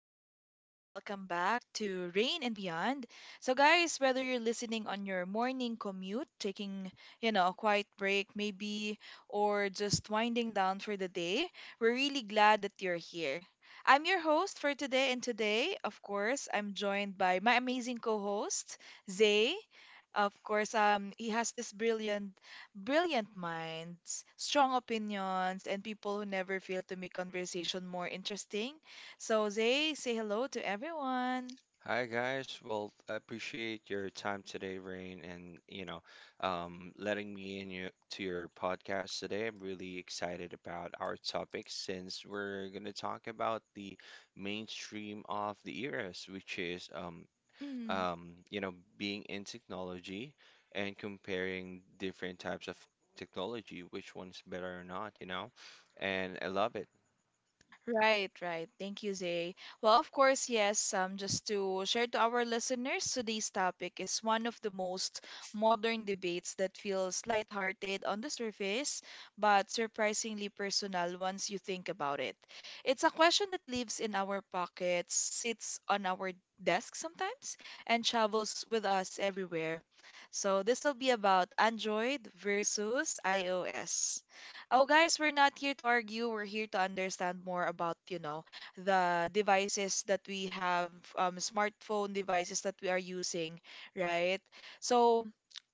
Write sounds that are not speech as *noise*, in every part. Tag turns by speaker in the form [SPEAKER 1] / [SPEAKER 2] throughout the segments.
[SPEAKER 1] everyone, and welcome back to Rain and Beyond. So, guys, whether you're listening on your morning commute, taking, a quiet break maybe, or just winding down for the day, we're really glad that you're here. I'm your host for today, and today, of course, I'm joined by my amazing co host, Zay. Of course, he has this brilliant minds, strong opinions, and people who never fail to make conversation more interesting. So, Zay, say hello to everyone.
[SPEAKER 2] Hi guys. Well, I appreciate your time today, Rain, and letting me to your podcast today. I'm really excited about our topic since we're gonna talk about the mainstream of the eras, which is
[SPEAKER 1] Mm.
[SPEAKER 2] being in technology and comparing different types of technology, which one's better or not, you know. And I love it.
[SPEAKER 1] Right, right. Thank you, Zay. Well, of course, yes, just to share to our listeners, today's topic is one of the most modern debates that feels lighthearted on the surface, but surprisingly personal once you think about it. It's a question that lives in our pockets, sits on our desk sometimes, and travels with us everywhere. So this will be about Android versus iOS. Oh, guys, we're not here to argue. We're here to understand more about, you know, the devices that we have, smartphone devices that we are using, right? So,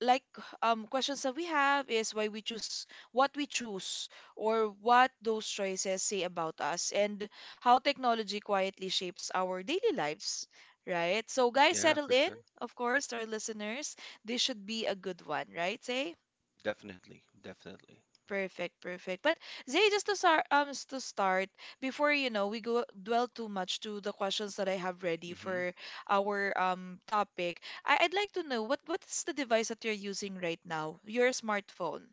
[SPEAKER 1] like, questions that we have is why we choose what we choose or what those choices say about us and how technology quietly shapes our daily lives, right? So, guys,
[SPEAKER 2] Yeah,
[SPEAKER 1] settle
[SPEAKER 2] for
[SPEAKER 1] in,
[SPEAKER 2] sure.
[SPEAKER 1] of course, to our listeners. This should be a good one, right, Say?
[SPEAKER 2] Definitely, definitely.
[SPEAKER 1] Perfect, perfect. But Zay, just to start, to start before you know we go dwell too much to the questions that I have ready
[SPEAKER 2] Mm-hmm.
[SPEAKER 1] for our topic. I'd like to know what is the device that you're using right now? Your smartphone.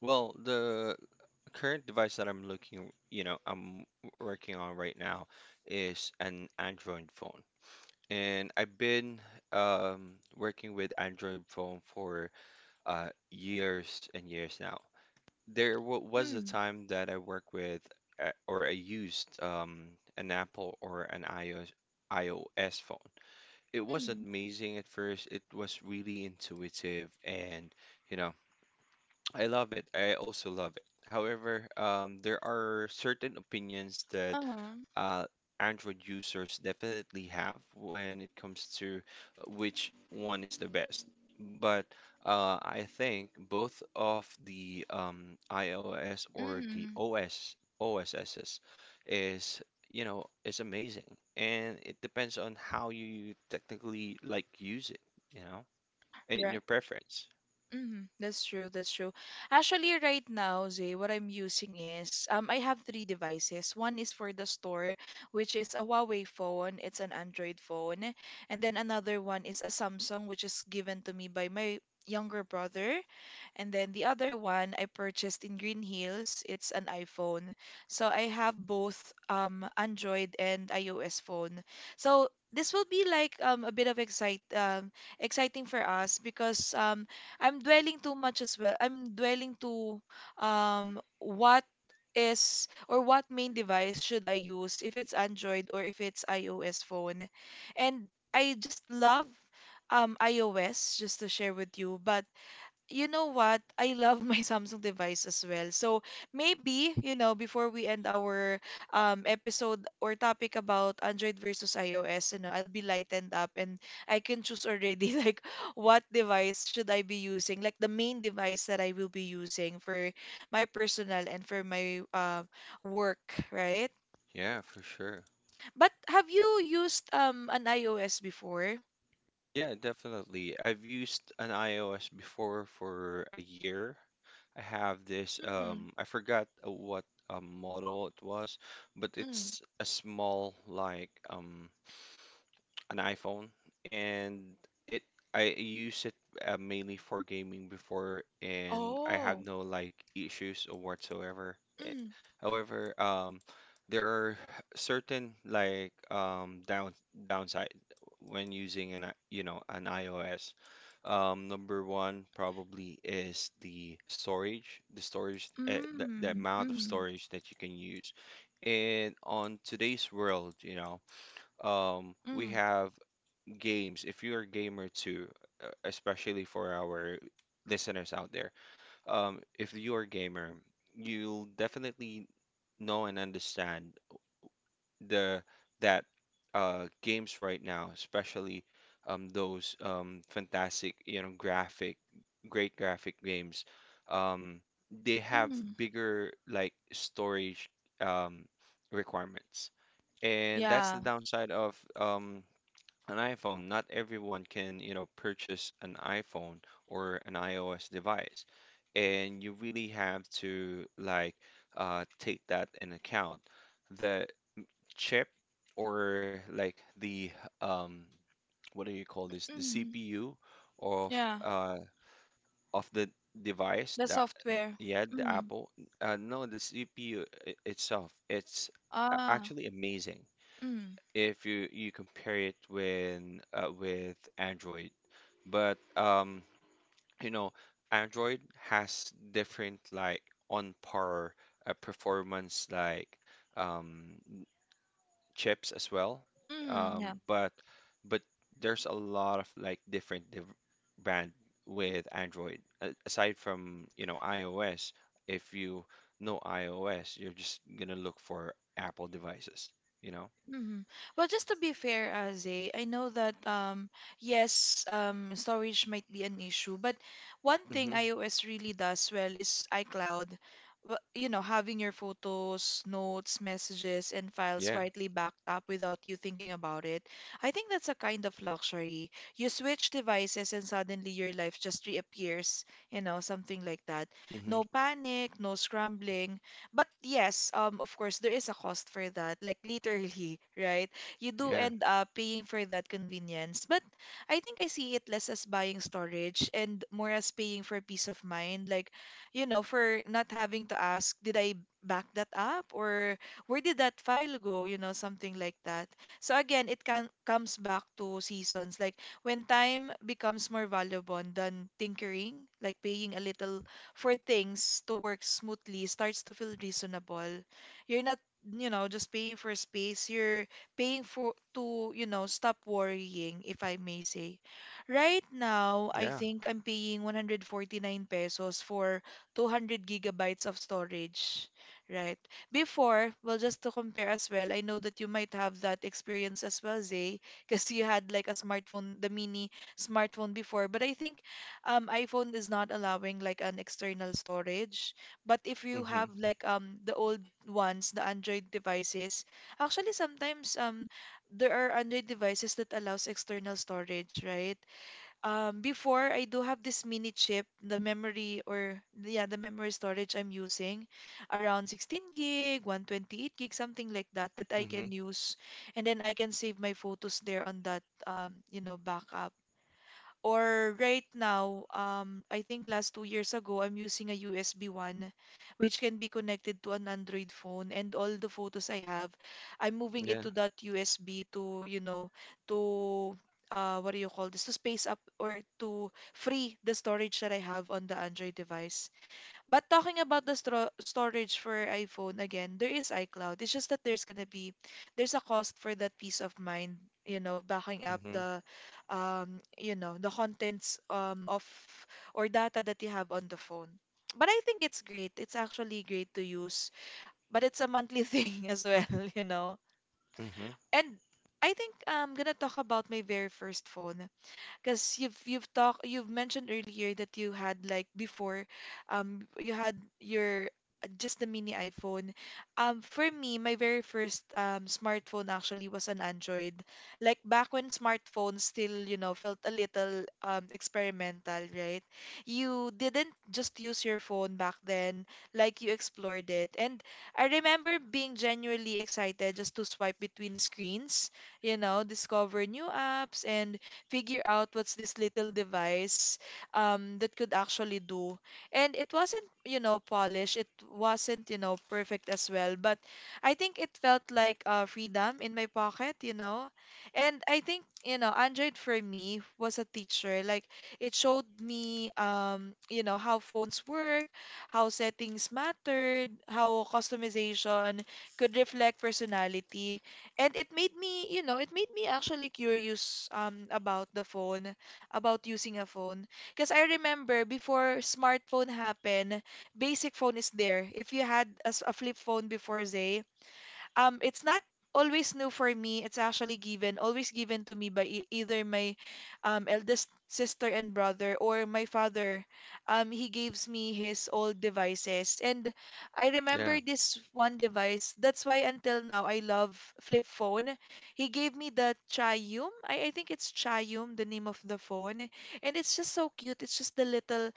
[SPEAKER 2] Well, the current device that I'm looking, you know, I'm working on right now is an Android phone. And I've been working with Android phone for years and years now. There wa was a
[SPEAKER 1] Mm,
[SPEAKER 2] time that I worked with or I used an Apple or an iOS phone. It was
[SPEAKER 1] mm,
[SPEAKER 2] amazing at first. It was really intuitive and, you know, I love it. I also love it. However, there are certain opinions that
[SPEAKER 1] uh-huh,
[SPEAKER 2] uh, Android users definitely have when it comes to which one is the best. But I think both of the iOS or the
[SPEAKER 1] mm,
[SPEAKER 2] OS OSSs is is amazing, and it depends on how you technically like use it, you know, and your
[SPEAKER 1] right.
[SPEAKER 2] preference.
[SPEAKER 1] Hmm, that's true. That's true. Actually, right now, Zay, what I'm using is I have three devices. One is for the store, which is a Huawei phone. It's an Android phone, and then another one is a Samsung, which is given to me by my younger brother. And then the other one I purchased in Green Hills. It's an iPhone. So I have both Android and iOS phone. So this will be like a bit of excite exciting for us because I'm dwelling too much as well. I'm dwelling to what is or what main device should I use if it's Android or if it's iOS phone. And I just love iOS just to share with you, but you know what? I love my *laughs* Samsung device as well. So maybe, you know, before we end our episode or topic about Android versus iOS, you know, I'll be lightened up and I can choose already *laughs* like what device should I be using, like the main device that I will be using for my personal and for my work, right?
[SPEAKER 2] Yeah, for sure.
[SPEAKER 1] But have you used an iOS before?
[SPEAKER 2] Yeah, definitely. I've used an iOS before for a year. I have this, I forgot what model it was, but it's a small, like, an iPhone, and it I use it mainly for gaming before, and I have no like issues or whatsoever. Eh,
[SPEAKER 1] Mm,
[SPEAKER 2] However, there are certain like downside when using an an iOS. Number one probably is the storage,
[SPEAKER 1] mm,
[SPEAKER 2] the amount of storage that you can use. And on today's world, you know, we
[SPEAKER 1] mm,
[SPEAKER 2] have games, if you're a gamer too, especially for our listeners out there, if you're a gamer, you'll definitely know and understand the that games right now, especially those fantastic, you know, great graphic games, um, they have
[SPEAKER 1] mm.
[SPEAKER 2] bigger like storage um, requirements. And that's the
[SPEAKER 1] Yeah.
[SPEAKER 2] downside of an iPhone, not everyone can, you know, purchase an iPhone or an iOS device. And you really have to like take that in account. The chip or like the um, what do you call this? The
[SPEAKER 1] Mm,
[SPEAKER 2] CPU of
[SPEAKER 1] yeah.
[SPEAKER 2] uh, of the device that yeah, the Apple. No, the CPU itself. It's
[SPEAKER 1] Ah.
[SPEAKER 2] actually amazing.
[SPEAKER 1] Mm.
[SPEAKER 2] If you compare it with Android. But you know, Android has different like on par performance like um, chips as well.
[SPEAKER 1] Yeah.
[SPEAKER 2] Um, but but there's a lot of like different div brand with Android. A Aside from, you know, iOS, if you know iOS, you're just gonna look for Apple devices, you know?
[SPEAKER 1] Hmm, well, just to be fair, I know that yes, storage might be an issue, but one thing
[SPEAKER 2] Hmm.
[SPEAKER 1] iOS really does well is iCloud. You know, having your photos, notes, messages, and files
[SPEAKER 2] Yeah.
[SPEAKER 1] quietly backed up without you thinking about it. I think that's a kind of luxury. You switch devices and suddenly your life just reappears, you know, something like that. No
[SPEAKER 2] Mm-hmm.
[SPEAKER 1] panic, no scrambling, but yes, of course, there is a cost for that. Like literally, *laughs* right? You do
[SPEAKER 2] Yeah.
[SPEAKER 1] end up paying for that convenience. But I think I see it less as buying storage and more as paying for peace of mind. Like, you know, for not having to ask, did I back that up or where did that file go? You know, something like that. So again, it can comes back to seasons. Like when time becomes more valuable than tinkering, like paying a little for things to work smoothly starts to feel reasonable. You're not, you know, just paying for space. You're paying for to, you know, stop worrying, if I may say. Right now, I
[SPEAKER 2] Yeah.
[SPEAKER 1] think I'm paying 149 pesos for 200 gigabytes of storage, right? Before, well, just to compare as well, I know that you might have that experience as well, Zay, because you had like a smartphone, the mini smartphone before. But I think iPhone is not allowing like an external storage. But if you
[SPEAKER 2] Mm-hmm.
[SPEAKER 1] have like the old ones, the Android devices, actually sometimes there are Android devices that allows external storage, right? Before I do have this mini chip, the memory or yeah, the memory storage I'm using around 16 gig, 128 gig, something like that that I
[SPEAKER 2] Mm-hmm.
[SPEAKER 1] can use and then I can save my photos there on that you know backup. Or right now, I think last 2 years ago, I'm using a USB one, which can be connected to an Android phone. And all the photos I have, I'm moving it
[SPEAKER 2] Yeah.
[SPEAKER 1] to that USB to, you know, to what do you call this? To space up or to free the storage that I have on the Android device. But talking about the stro storage for iPhone again, there is iCloud. It's just that there's gonna be there's a cost for that peace of mind, you know, backing up
[SPEAKER 2] Mm-hmm.
[SPEAKER 1] the you know, the contents of or data that you have on the phone. But I think it's great. It's actually great to use, but it's a monthly *laughs* thing as well, you know.
[SPEAKER 2] Mm-hmm.
[SPEAKER 1] And I think I'm gonna talk about my very first phone. Because you've mentioned earlier that you had like before, you had your just the mini iPhone. For me, my very first smartphone actually was an Android. Like back when smartphones still, you know, felt a little experimental, right? You didn't just use your phone back then, like you explored it. And I remember being genuinely excited just to swipe between screens, you know, discover new apps and figure out what's this little device that could actually do. And it wasn't, you know, polished. It wasn't, you know, perfect as well. But I think it felt like freedom in my pocket, you know. And I think, you know, Android for me was a teacher. Like it showed me, you know, how phones work, how settings mattered, how customization could reflect personality and it made me, you know, it made me actually curious about the phone, about using a phone. Because I remember before smartphone happened, basic phone is there. If you had a flip phone before, Zay, it's not always new for me. It's actually given, always given to me by either my eldest sister and brother or my father. He gives me his old devices. And I
[SPEAKER 2] Yeah.
[SPEAKER 1] remember this one device. That's why until now I love flip phone. He gave me the Chayum. I think it's Chayum, the name of the phone. And it's just so cute. It's just the little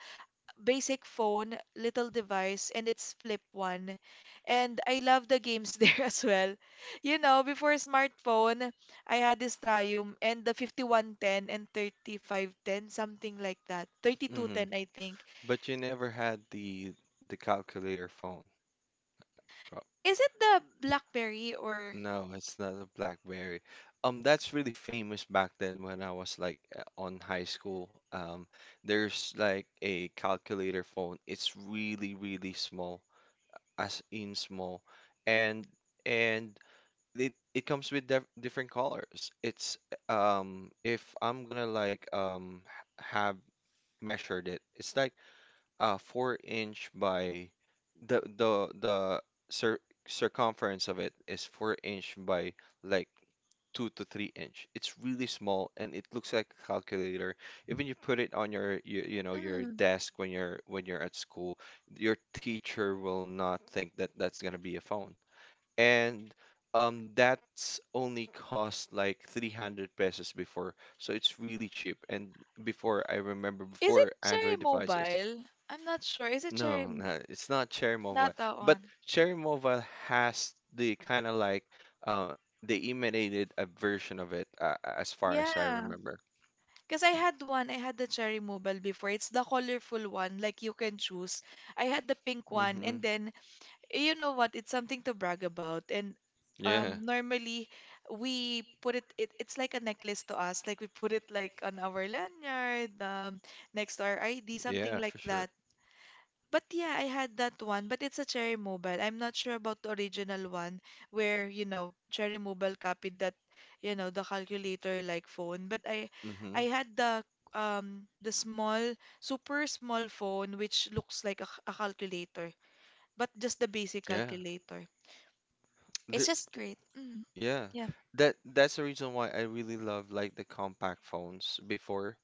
[SPEAKER 1] basic phone, little device, and it's flip one. And I love the games *laughs* there as well. You know, before smartphone, I had this Triumph and the 5110 and 3510, something like that.
[SPEAKER 2] Mm-hmm.
[SPEAKER 1] 3210, I think.
[SPEAKER 2] But you never had the calculator phone, bro.
[SPEAKER 1] Is it the BlackBerry or
[SPEAKER 2] No, it's not a BlackBerry. That's really famous back then when I was like on high school. There's like a calculator phone. It's really small, as in small, and and it comes with def different colors. It's if I'm gonna like have measured it, it's like 4 inch by the cir circumference of it is 4 inch by like 2 to 3 inch. It's really small and it looks like a calculator. Even you put it on your
[SPEAKER 1] hmm,
[SPEAKER 2] desk when you're at school, your teacher will not think that that's gonna be a phone and that's only cost like 300 pesos before, so it's really cheap. And before, I remember,
[SPEAKER 1] is it
[SPEAKER 2] before
[SPEAKER 1] Cherry
[SPEAKER 2] Android devices.
[SPEAKER 1] Mobile? I'm not sure. Is it Cherry?
[SPEAKER 2] No,
[SPEAKER 1] Mo-
[SPEAKER 2] it's not Cherry Mobile,
[SPEAKER 1] Not that
[SPEAKER 2] but Cherry Mobile has the kind of like uh they emanated a version of it, as far as I
[SPEAKER 1] yeah,
[SPEAKER 2] remember.
[SPEAKER 1] because I had one. I had the cherry mobile before. It's the colorful one, like you can choose. I had the pink one,
[SPEAKER 2] Hmm.
[SPEAKER 1] and then you know what? It's something to brag about. And
[SPEAKER 2] Yeah.
[SPEAKER 1] normally we put it, it, it's like a necklace to us. Like we put it like on our lanyard, next to our ID, something
[SPEAKER 2] Yeah,
[SPEAKER 1] like
[SPEAKER 2] for sure.
[SPEAKER 1] that. But yeah, I had that one, but it's a Cherry Mobile. I'm not sure about the original one where, you know, Cherry Mobile copied that, you know, the calculator like phone. But I
[SPEAKER 2] Hmm.
[SPEAKER 1] I had the small, super small phone which looks like a calculator, but just the basic
[SPEAKER 2] Yeah.
[SPEAKER 1] calculator. It's just great. Mm,
[SPEAKER 2] Yeah,
[SPEAKER 1] yeah.
[SPEAKER 2] that that's the reason why I really love like the compact phones before,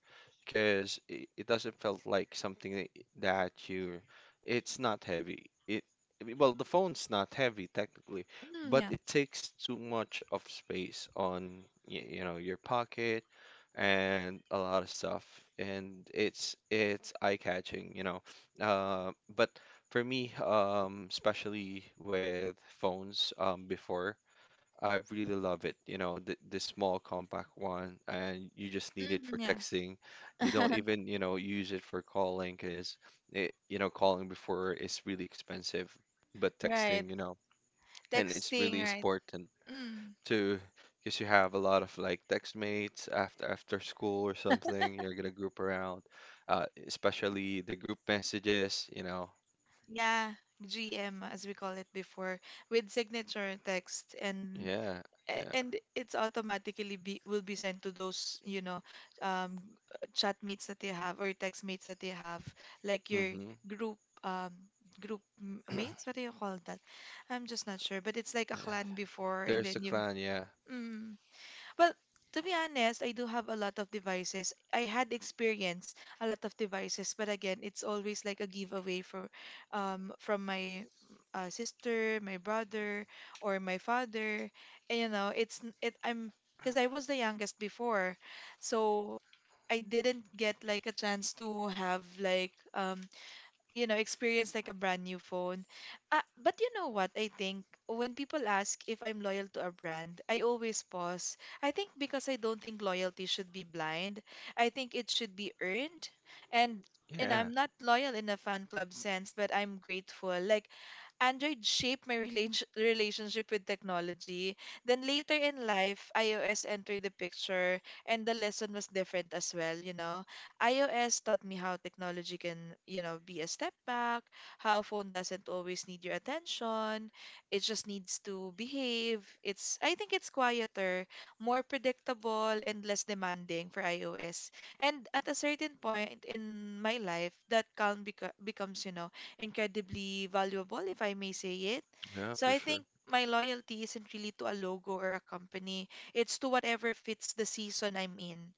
[SPEAKER 2] because it doesn't felt like something that you, it's not heavy. It I mean, well, the phone's not heavy technically,
[SPEAKER 1] Mm,
[SPEAKER 2] but
[SPEAKER 1] yeah.
[SPEAKER 2] it takes too much of space on your pocket and a lot of stuff, and it's eye-catching, you know. But for me, especially with phones, before. I really love it. You know, the small compact one, and you just need it for
[SPEAKER 1] Mm, yeah.
[SPEAKER 2] texting. You don't even, you know, use it for calling because you know, calling before is really expensive, but
[SPEAKER 1] Right.
[SPEAKER 2] texting, you know, and it's really important
[SPEAKER 1] Mm,
[SPEAKER 2] to, because you have a lot of like text mates after school or something. You're gonna group around, especially the group messages. You know,
[SPEAKER 1] yeah. GM as we call it before with signature text and
[SPEAKER 2] yeah, yeah.
[SPEAKER 1] and it's automatically be will be sent to those you know um chat mates that you have or text mates that you have like your
[SPEAKER 2] Mm-hmm.
[SPEAKER 1] group um mates, what do you call that? I'm just not sure but it's like a clan before and
[SPEAKER 2] There's the
[SPEAKER 1] then you
[SPEAKER 2] clan, yeah.
[SPEAKER 1] mm, well, to be honest, I do have a lot of devices. I had experienced a lot of devices, but again, it's always like a giveaway for from my sister, my brother, or my father. And you know, it's n- it I'm because I was the youngest before, so I didn't get like a chance to have like you know, experience like a brand new phone. But you know what? I think when people ask if I'm loyal to a brand, I always pause. I think because I don't think loyalty should be blind. I think it should be earned. And and
[SPEAKER 2] Yeah.
[SPEAKER 1] I'm not loyal in a fan club sense, but I'm grateful. Like Android shaped my relationship with technology. Then later in life, iOS entered the picture, and the lesson was different as well, you know. iOS taught me how technology can, you know, be a step back, how a phone doesn't always need your attention. It just needs to behave. I think it's quieter, more predictable, and less demanding for iOS. And at a certain point in my life, that calm becomes, you know, incredibly valuable, if I may say it.
[SPEAKER 2] Yeah,
[SPEAKER 1] So
[SPEAKER 2] for
[SPEAKER 1] I
[SPEAKER 2] sure.
[SPEAKER 1] think my loyalty isn't really to a logo or a company, it's to whatever fits the season I'm in.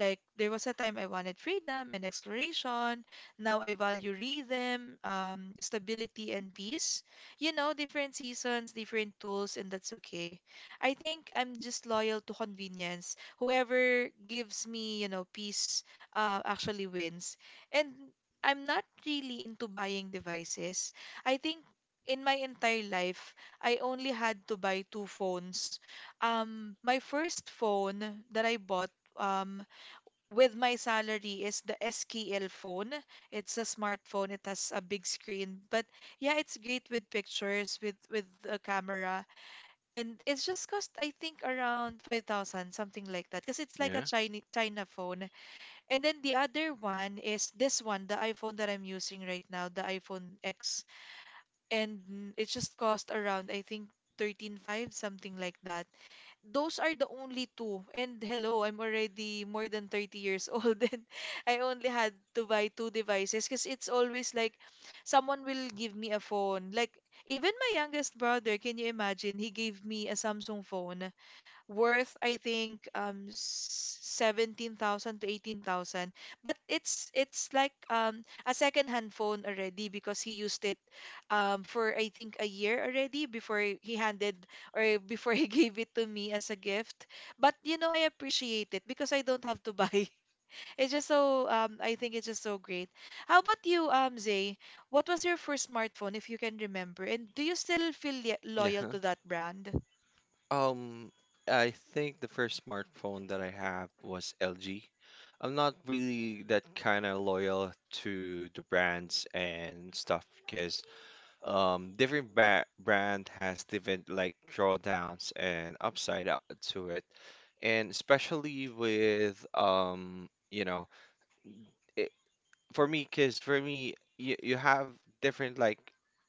[SPEAKER 1] Like, there was a time I wanted freedom and exploration. Now I value rhythm, stability, and peace. You know, different seasons, different tools, and that's okay. I think I'm just loyal to convenience. Whoever gives me, you know, peace, actually wins. And I'm not really into buying devices. I think in my entire life, I only had to buy two phones. My first phone that I bought um, with my salary is the SKL phone. It's a smartphone. It has a big screen, but yeah, it's great with pictures, with a camera, and it's just cost I think around 5,000, something like that, because it's like a
[SPEAKER 2] Yeah.
[SPEAKER 1] China phone. And then the other one is this one, the iPhone that I'm using right now, the iPhone X. And it just cost around, I think, 13.5, something like that. Those are the only two. And hello, I'm already more than 30 years old *laughs* and I only had to buy two devices because it's always like someone will give me a phone. Like even my youngest brother, can you imagine? He gave me a Samsung phone worth I think 17,000 to 18,000. But it's like a second hand phone already because he used it for I think a year already before he handed or before he *laughs* gave it to me as a gift. But you know I appreciate it because I don't have to buy. *laughs* It's just so I think it's just so great. How about you, Zay? What was your first smartphone if you can remember? And do you still feel
[SPEAKER 2] Yeah.
[SPEAKER 1] loyal
[SPEAKER 2] Huh?
[SPEAKER 1] to that brand?
[SPEAKER 2] Um, I think the first smartphone that I have was LG. I'm not really that kind of loyal to the brands and stuff because um, different ba brand has different like drawdowns and upside out to it. And especially with you know, it, for me, because for me, you have different like,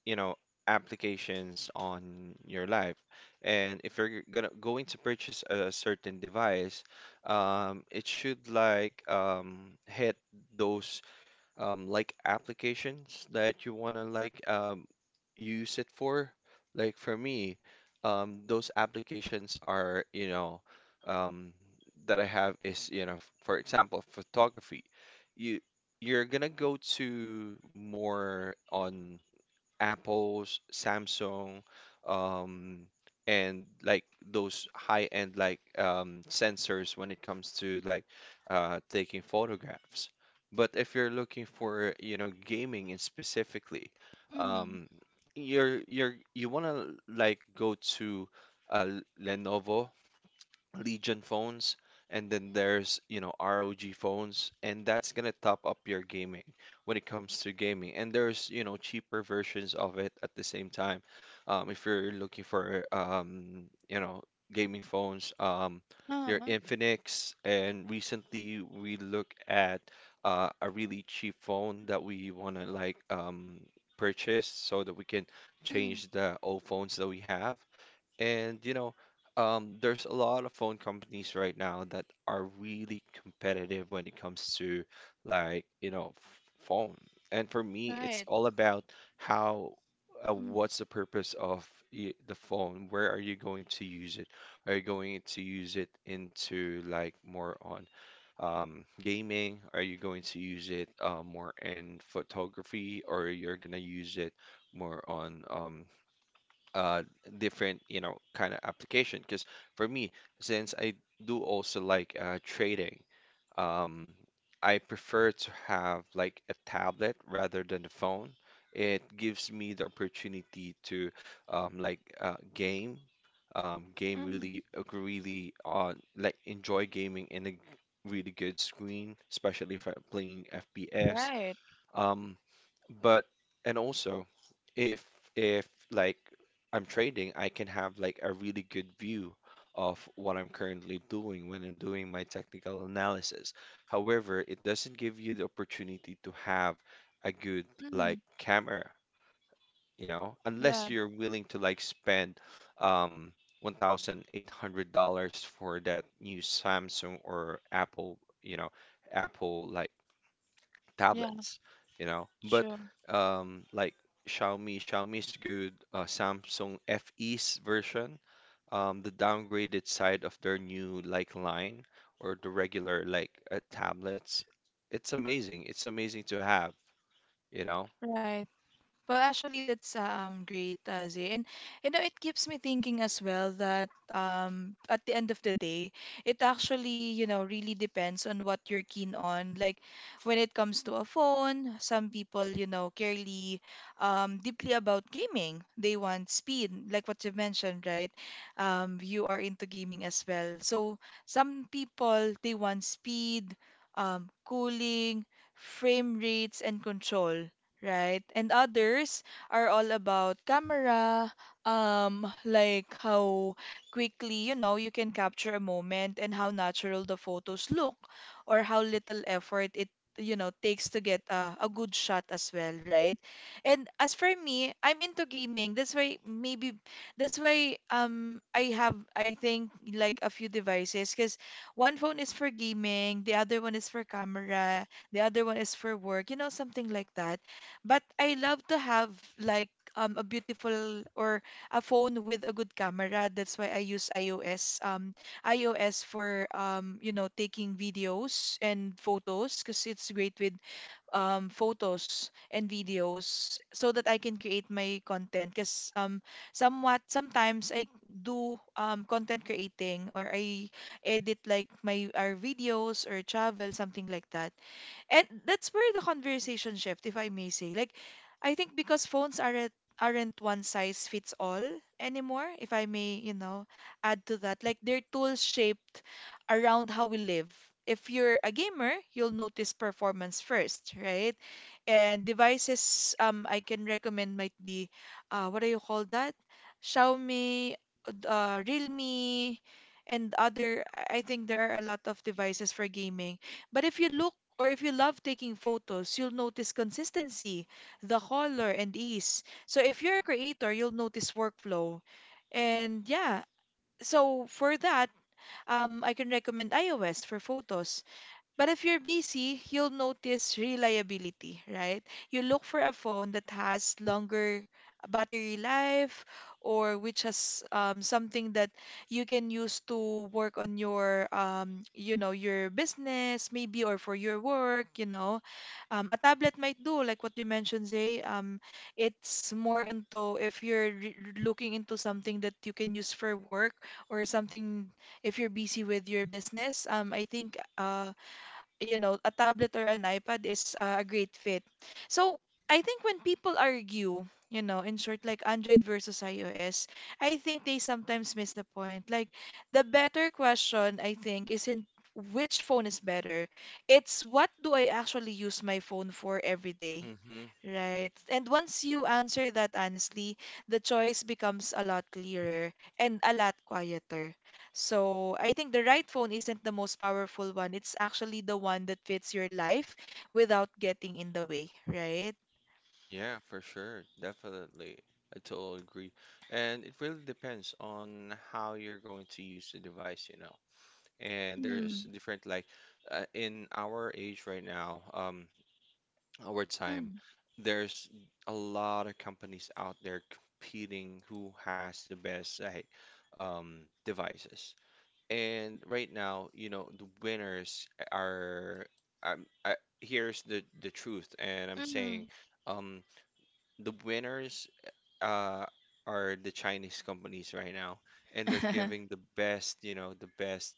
[SPEAKER 2] you know, applications on your life. And if you're gonna going to purchase a certain device, it should like hit those like applications that you wanna like use it for. Like for me, those applications are, you know, um, that I have is, you know, for example, photography. You you're gonna go to more on Apple's, Samsung, um, and like those high-end like sensors when it comes to like taking photographs. But if you're looking for, you know, gaming in specifically,
[SPEAKER 1] Mm.
[SPEAKER 2] um, you wanna like go to Lenovo Legion phones, and then there's, you know, ROG phones, and that's gonna top up your gaming when it comes to gaming. And there's, you know, cheaper versions of it at the same time. If you're looking for, you know, gaming phones, your
[SPEAKER 1] Oh,
[SPEAKER 2] Infinix, and recently we look at a really cheap phone that we wanna like purchase so that we can
[SPEAKER 1] mm.
[SPEAKER 2] change the old phones that we have. And you know, there's a lot of phone companies right now that are really competitive when it comes to like, you know, phone. And for me, it's all about how what's the purpose of the phone? Where are you going to use it? Are you going to use it into like more on gaming? Are you going to use it more in photography, or you're gonna use it more on uh different you know kind of application? Because for me, since I do also like trading, um I prefer to have like a tablet rather than the phone. It gives me the opportunity to like game
[SPEAKER 1] Mm,
[SPEAKER 2] really really like enjoy gaming in a really good screen, especially if I'm playing FPS,
[SPEAKER 1] right,
[SPEAKER 2] um but and also, if if like I'm trading, I can have like a really good view of what I'm currently doing when I'm doing my technical analysis. However, it doesn't give you the opportunity to have a good like camera, you know, unless
[SPEAKER 1] right.
[SPEAKER 2] you're willing to like spend um $1,800 for that new Samsung or Apple, you know, Apple like
[SPEAKER 1] Yeah.
[SPEAKER 2] tablets, you know. But
[SPEAKER 1] Sure.
[SPEAKER 2] like Xiaomi, Xiaomi's good, Samsung FE's version, the downgraded side of their new like line or the regular like tablets, it's amazing. It's amazing to have, you know.
[SPEAKER 1] Right. Well, actually, that's great, Zay. And you know, it keeps me thinking as well that at the end of the day, it actually, you know, really depends on what you're keen on. Like when it comes to a phone, some people, you know, care really, deeply about gaming. They want speed, like what you mentioned, right? You are into gaming as well. So some people they want speed, cooling, frame rates, and control right? And others are all about camera, like how quickly, you know, you can capture a moment and how natural the photos look or how little effort it, you know, takes to get a good shot as well, right? And as for me, I'm into gaming. That's why maybe that's why I have I think like a few devices because one phone is for gaming, the other one is for camera, the other one is for work, you know, something like that. But I love to have like a beautiful or a phone with a good camera. That's why I use iOS. iOS for you know, taking videos and photos because it's great with photos and videos so that I can create my content. Because somewhat sometimes I do content creating or I edit like my our videos or travel something like that. And that's where the conversation shift, if I may say. Like, I think because phones aren't one size fits all anymore, if I may, you know, add to that. Like they're tools shaped around how we live. If you're a gamer, you'll notice performance first, right? And devices I can recommend might be what do you call that? Xiaomi, Realme, and other I think there are a lot of devices for gaming. But if you look or if you love taking photos, you'll notice consistency, the color, and ease. So if you're a creator, you'll notice workflow. And yeah, so for that, I can recommend iOS for photos. But if you're busy, you'll notice reliability, right? You look for a phone that has longer battery life or which has something that you can use to work on your you know your business maybe or for your work you know a tablet might do like what you mentioned Zay, it's more into if you're looking into something that you can use for work or something if you're busy with your business, I think you know, a tablet or an iPad is a great fit. So I think when people argue, you know, in short, like Android versus iOS, I think they sometimes miss the point. Like the better question, I think, isn't which phone is better. It's what do I actually use my phone for every day.
[SPEAKER 2] Mm-hmm.
[SPEAKER 1] Right. And once you answer that honestly, the choice becomes a lot clearer and a lot quieter. So I think the right phone isn't the most powerful one. It's actually the one that fits your life without getting in the way, right?
[SPEAKER 2] Yeah, for sure. Definitely. I totally agree. And it really depends on how you're going to use the device, you know. And there's
[SPEAKER 1] Mm,
[SPEAKER 2] different, like, in our age right now, our time,
[SPEAKER 1] mm,
[SPEAKER 2] there's a lot of companies out there competing who has the best like, devices. And right now, you know, the winners are um, I, here's the truth, and I'm saying
[SPEAKER 1] mm.
[SPEAKER 2] um, the winners uh, are the Chinese companies right now, and they're giving
[SPEAKER 1] *laughs*
[SPEAKER 2] the best, you know, the best.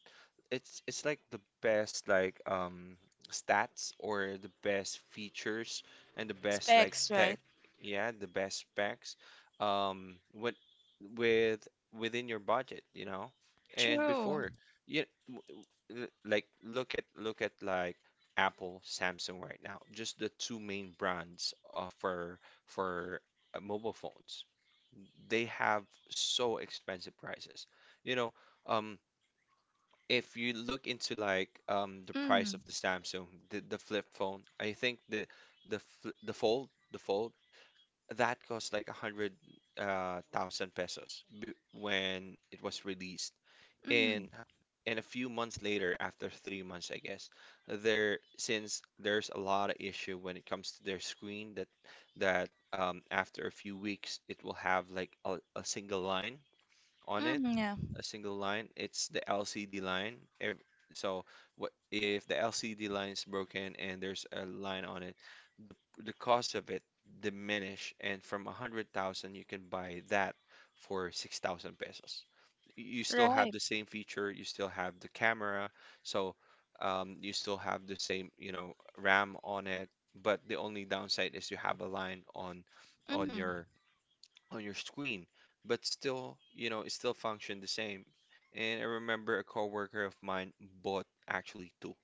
[SPEAKER 2] It's like the best like stats or the best features and the best like
[SPEAKER 1] Specs,
[SPEAKER 2] tech,
[SPEAKER 1] right?
[SPEAKER 2] yeah, the best specs, with with within your budget, you know. And
[SPEAKER 1] True.
[SPEAKER 2] before, yeah, w- like look at like Apple, Samsung right now, just the two main brands for mobile phones, they have so expensive prices. You know, um, if you look into the price
[SPEAKER 1] Mm,
[SPEAKER 2] of the Samsung, the flip phone, I think the fold that cost like a hundred thousand pesos b when it was released, and
[SPEAKER 1] mm,
[SPEAKER 2] a few months later, after 3 months I guess, there— since there's a lot of issue when it comes to their screen, that that after a few weeks it will have like a single line on it.
[SPEAKER 1] mm, yeah.
[SPEAKER 2] A single line, it's the LCD line. So what if the LCD line is broken and there's a line on it? The cost of it diminish, and from a hundred thousand you can buy that for 6,000 pesos. You still have
[SPEAKER 1] Right.
[SPEAKER 2] the same feature, you still have the camera, so you still have the same, you know, RAM on it, but the only downside is you have a line on on
[SPEAKER 1] Mm,
[SPEAKER 2] your on your screen. But still, you know, it still functioned the same. And I remember a coworker of mine bought actually two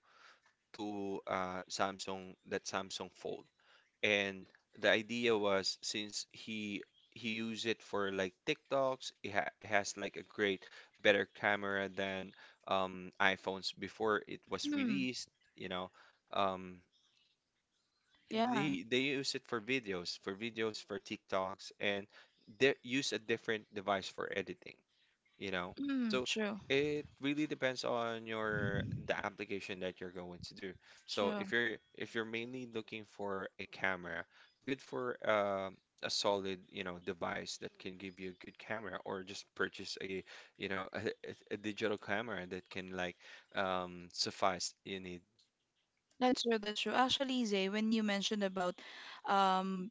[SPEAKER 2] two uh, Samsung that Samsung Fold, and the idea was, since he used it for like TikToks, it has like a great better camera than iPhones before it was
[SPEAKER 1] mm,
[SPEAKER 2] released, you know. Um,
[SPEAKER 1] yeah.
[SPEAKER 2] they use it for videos, for videos for TikToks, and they use a different device for editing, you know.
[SPEAKER 1] Mm,
[SPEAKER 2] So
[SPEAKER 1] true.
[SPEAKER 2] it really depends on your the application that you're going to do. So
[SPEAKER 1] True.
[SPEAKER 2] if you're mainly looking for a camera, good for a solid, you know, device that can give you a good camera, or just purchase a, you know, a digital camera that can like suffice you need.
[SPEAKER 1] That's true. That's true. Actually, Zay, when you mentioned about um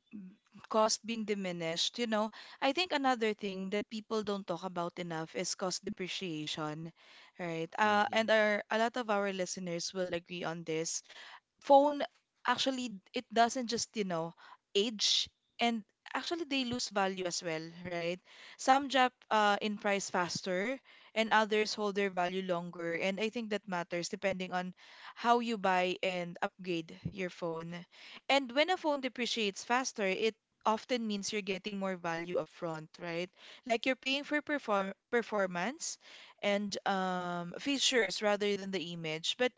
[SPEAKER 1] cost being diminished, you know, I think another thing that people don't talk about enough is cost depreciation, right?
[SPEAKER 2] Mm-hmm.
[SPEAKER 1] And our a lot of our listeners will agree on this phone. Actually it doesn't just you know age, and actually they lose value as well, right? Some drop in price faster and others hold their value longer, and I think that matters depending on how you buy and upgrade your phone. And when a phone depreciates faster it often means you're getting more value upfront, right? Like you're paying for performance and, features rather than the image. But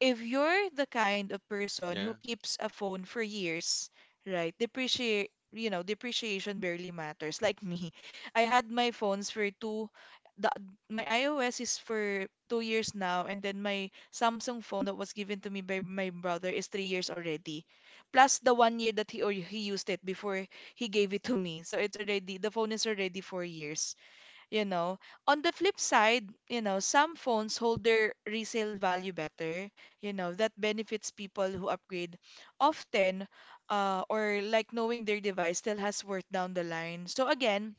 [SPEAKER 1] if you're the kind of person
[SPEAKER 2] Yeah.
[SPEAKER 1] who keeps a phone for years, right, depreciate, you know, depreciation barely matters. Like me, *laughs* I had my phones for the, my iOS is for 2 years now, and then my Samsung phone that was given to me by my brother is 3 years already, plus the one year that he used it before he gave it to me. So it's already, the phone is already 4 years you know. On the flip side, you know, some phones hold their resale value better, you know, that benefits people who upgrade often, or like knowing their device still has worth down the line. So again,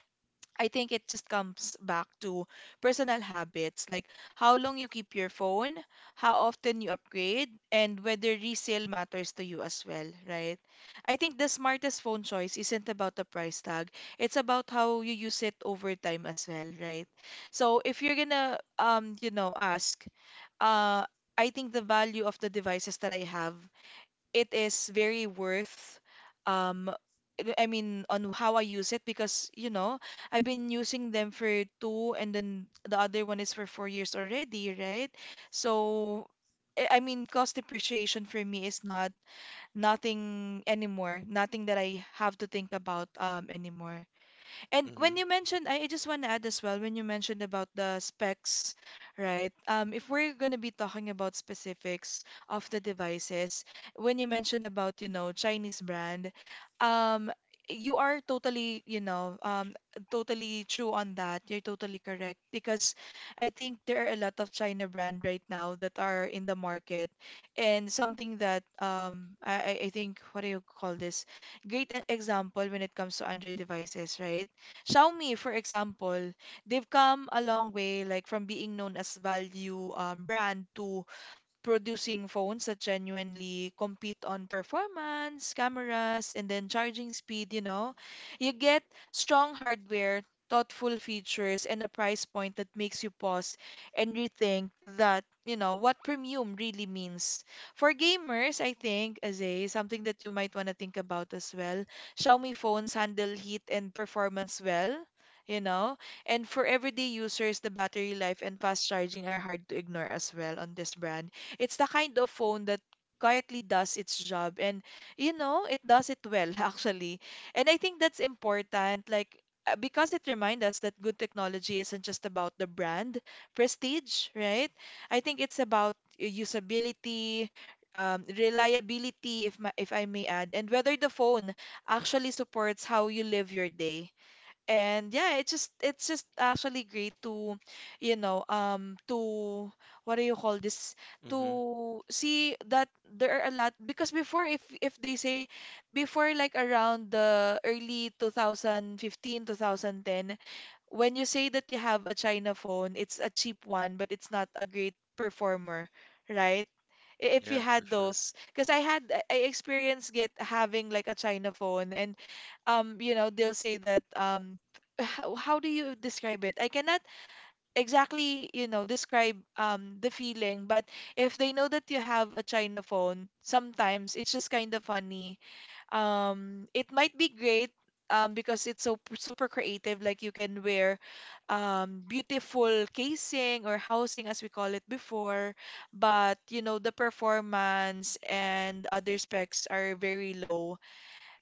[SPEAKER 1] I think it just comes back to personal habits, like how long you keep your phone, how often you upgrade, and whether resale matters to you as well, right? I think the smartest phone choice isn't about the price tag, it's about how you use it over time as well, right? So if you're gonna, you know, ask, uh, I think the value of the devices that I have it is very worth um I mean on how I use it because you know I've been using them for 2 years and then the other one is for 4 years already, right? So I mean cost depreciation for me is not nothing anymore, nothing that I have to think about anymore. And
[SPEAKER 2] Mm-hmm.
[SPEAKER 1] when you mentioned, I just want to add as well, when you mentioned about the specs, right? If we're going to be talking about specifics of the devices, when you mentioned about, you know, Chinese brand, um, you are totally, you know, totally true on that. You're totally correct because I think there are a lot of China brand right now that are in the market and something that I think, what do you call this? Great example when it comes to Android devices, right? Xiaomi, for example, they've come a long way, like from being known as value brand to producing phones that genuinely compete on performance, cameras, and then charging speed, you know. You get strong hardware, thoughtful features, and a price point that makes you pause and rethink that, you know, what premium really means. For gamers, I think, as a something that you might want to think about as well. Xiaomi phones handle heat and performance well. You know, and for everyday users, the battery life and fast charging are hard to ignore as well on this brand. It's the kind of phone that quietly does its job and it does it well *laughs* actually. And I think that's important, like because it reminds us that good technology isn't just about the brand prestige, right? I think it's about usability, reliability, if I may add, and whether the phone actually supports how you live your day. And yeah, it's just actually great to, to, what do you call this?
[SPEAKER 2] Mm-hmm.
[SPEAKER 1] To see that there are a lot, because before, if they say before, like around the early 2015, 2010, when you say that you have a China phone, it's a cheap one, but it's not a great performer, right? I- If
[SPEAKER 2] Yeah,
[SPEAKER 1] you
[SPEAKER 2] for
[SPEAKER 1] had
[SPEAKER 2] sure.
[SPEAKER 1] those, because I experienced get having like a China phone, and you know, they'll say that how do you describe it? I cannot exactly, you know, describe the feeling, but if they know that you have a China phone, sometimes it's just kind of funny. It might be great because it's so super creative, like you can wear beautiful casing or housing as we call it before, but you know, the performance and other specs are very low.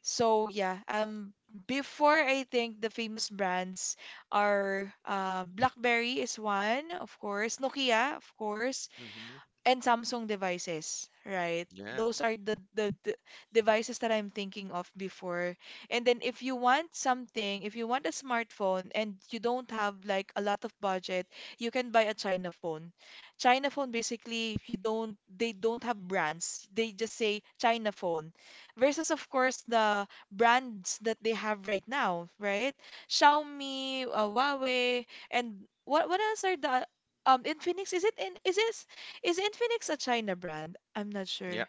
[SPEAKER 1] So yeah, before I think the famous brands are BlackBerry is one, of course, Nokia, of course,
[SPEAKER 2] Mm-hmm.
[SPEAKER 1] and Samsung devices, right?
[SPEAKER 2] Yeah.
[SPEAKER 1] Those are the devices that I'm thinking of before. And then if you want something, if you want a smartphone and you don't have like a lot of budget, you can buy a China phone. China phone, basically, if you don't, they don't have brands. They just say China phone versus, of course, the brands that they have right now, right? Xiaomi, Huawei, and what else are the Infinix, is it in is it, is Infinix a China brand? I'm not sure.
[SPEAKER 2] Yeah.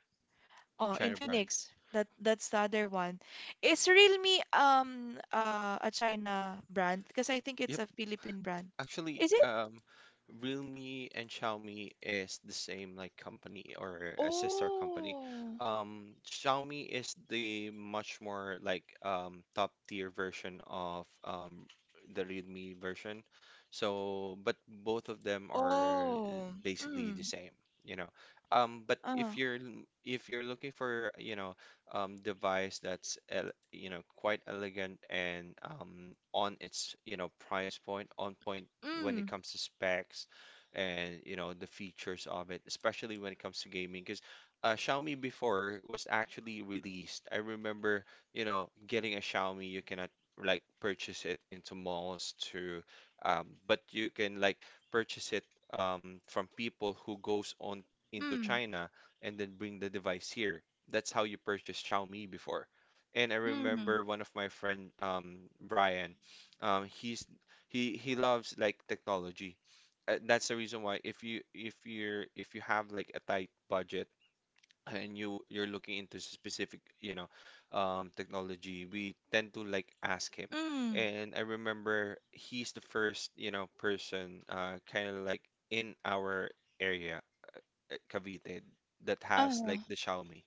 [SPEAKER 1] Oh,
[SPEAKER 2] China brand.
[SPEAKER 1] Infinix. That's the other one. Is Realme a China brand? Because I think it's
[SPEAKER 2] Yep.
[SPEAKER 1] a Philippine brand.
[SPEAKER 2] Actually, Realme and Xiaomi is the same like company or a sister company. Xiaomi is the much more like top tier version of the Realme version. So, but both of them are
[SPEAKER 1] Oh.
[SPEAKER 2] basically the same, you know. But
[SPEAKER 1] Uh,
[SPEAKER 2] if you're looking for, you know, device that's you know, quite elegant and on its, you know, price point, on point when it
[SPEAKER 1] mm,
[SPEAKER 2] comes to specs and, you know, the features of it, especially when it comes to gaming. Because Xiaomi before was actually released. I remember, you know, getting a Xiaomi, you cannot like purchase it into malls to, but you can like purchase it from people who goes on into
[SPEAKER 1] mm,
[SPEAKER 2] China and then bring the device here. That's how you purchase Xiaomi before. And I
[SPEAKER 1] mm,
[SPEAKER 2] remember one of my friend, Brian, um, he's he loves like technology. That's the reason why if you have like a tight budget and you're looking into specific, you know, technology, we tend to like ask him. And I remember he's the first, you know, person, kind of like in our area, Cavite, that has
[SPEAKER 1] Uh,
[SPEAKER 2] like the Xiaomi,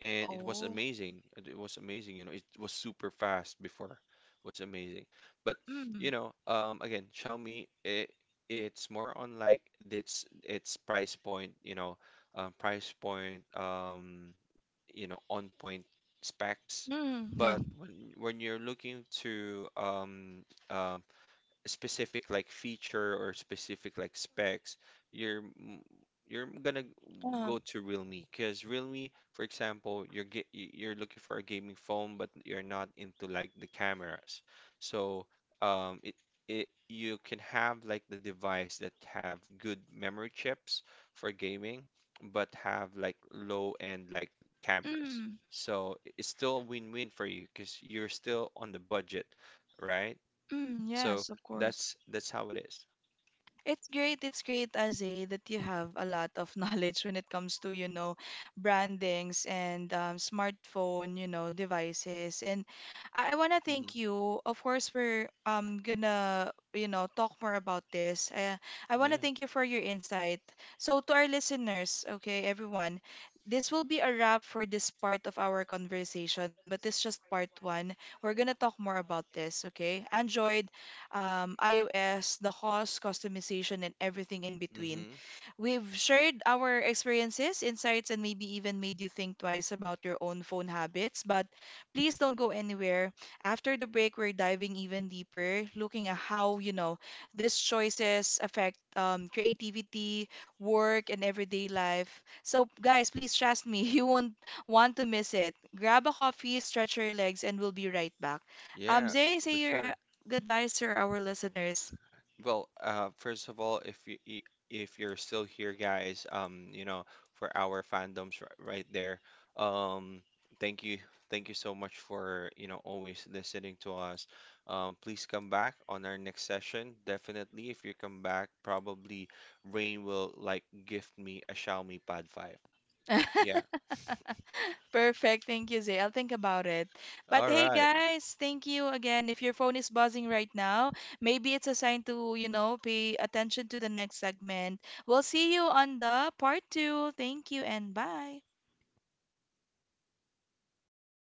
[SPEAKER 2] and it was
[SPEAKER 1] oh.
[SPEAKER 2] amazing. It was amazing, you know. It was super fast before. Was amazing. But, you
[SPEAKER 1] Mm,
[SPEAKER 2] know, again, it's more on like its price point, you know, price point, you know, on point specs.
[SPEAKER 1] mm, yeah.
[SPEAKER 2] But when you're looking to specific like feature or specific like specs, you're m- you're gonna
[SPEAKER 1] Uh,
[SPEAKER 2] go to Realme. Because Realme, for example, you're looking for a gaming phone, but you're not into like the cameras. So um, it it you can have like the device that have good memory chips for gaming, but have like low end like cameras.
[SPEAKER 1] mm,
[SPEAKER 2] So it's still a win-win for you because you're still on the budget, right?
[SPEAKER 1] mm,
[SPEAKER 2] So
[SPEAKER 1] yes, of course.
[SPEAKER 2] that's how it is.
[SPEAKER 1] It's great. It's great, Azay, that you have a lot of *laughs* knowledge when it comes to, you know, brandings and smartphone, you know, devices. And I want to thank
[SPEAKER 2] Mhm.
[SPEAKER 1] you. Of course, we're gonna, you know, talk more about this. I
[SPEAKER 2] Yeah.
[SPEAKER 1] want to thank you for your insight. So to our listeners, okay, everyone, this will be a wrap for this part of our conversation, but it's just part 1. We're gonna talk more about this, okay? Android, iOS, the cost, customization, and everything in between.
[SPEAKER 2] Hmm.
[SPEAKER 1] We've shared our experiences, insights, and maybe even made you think twice about your own phone habits. But please don't go anywhere. After the break, we're diving even deeper, looking at how, you know, these choices affect creativity, work, and everyday life. So, guys, please trust me, *laughs* you won't want to miss it. Grab a coffee, stretch your legs, and we'll be right back.
[SPEAKER 2] Yeah,
[SPEAKER 1] Zay,
[SPEAKER 2] for
[SPEAKER 1] say your
[SPEAKER 2] sure.
[SPEAKER 1] goodbyes to our listeners.
[SPEAKER 2] Well, first of all, if you're still here, guys, you know, for our fandoms right there, um, thank you, thank you so much for, you know, always listening to us. Please come back on our next session. Definitely, if you come back, probably Rain will like gift me a Xiaomi Pad 5. Yeah.
[SPEAKER 1] *laughs* Perfect. Thank you, Zay. I'll think about it. But
[SPEAKER 2] All
[SPEAKER 1] hey,
[SPEAKER 2] right.
[SPEAKER 1] guys, thank you again. If your phone is buzzing right now, maybe it's a sign to, you know, pay attention to the next segment. We'll see you on the part 2. Thank you and bye.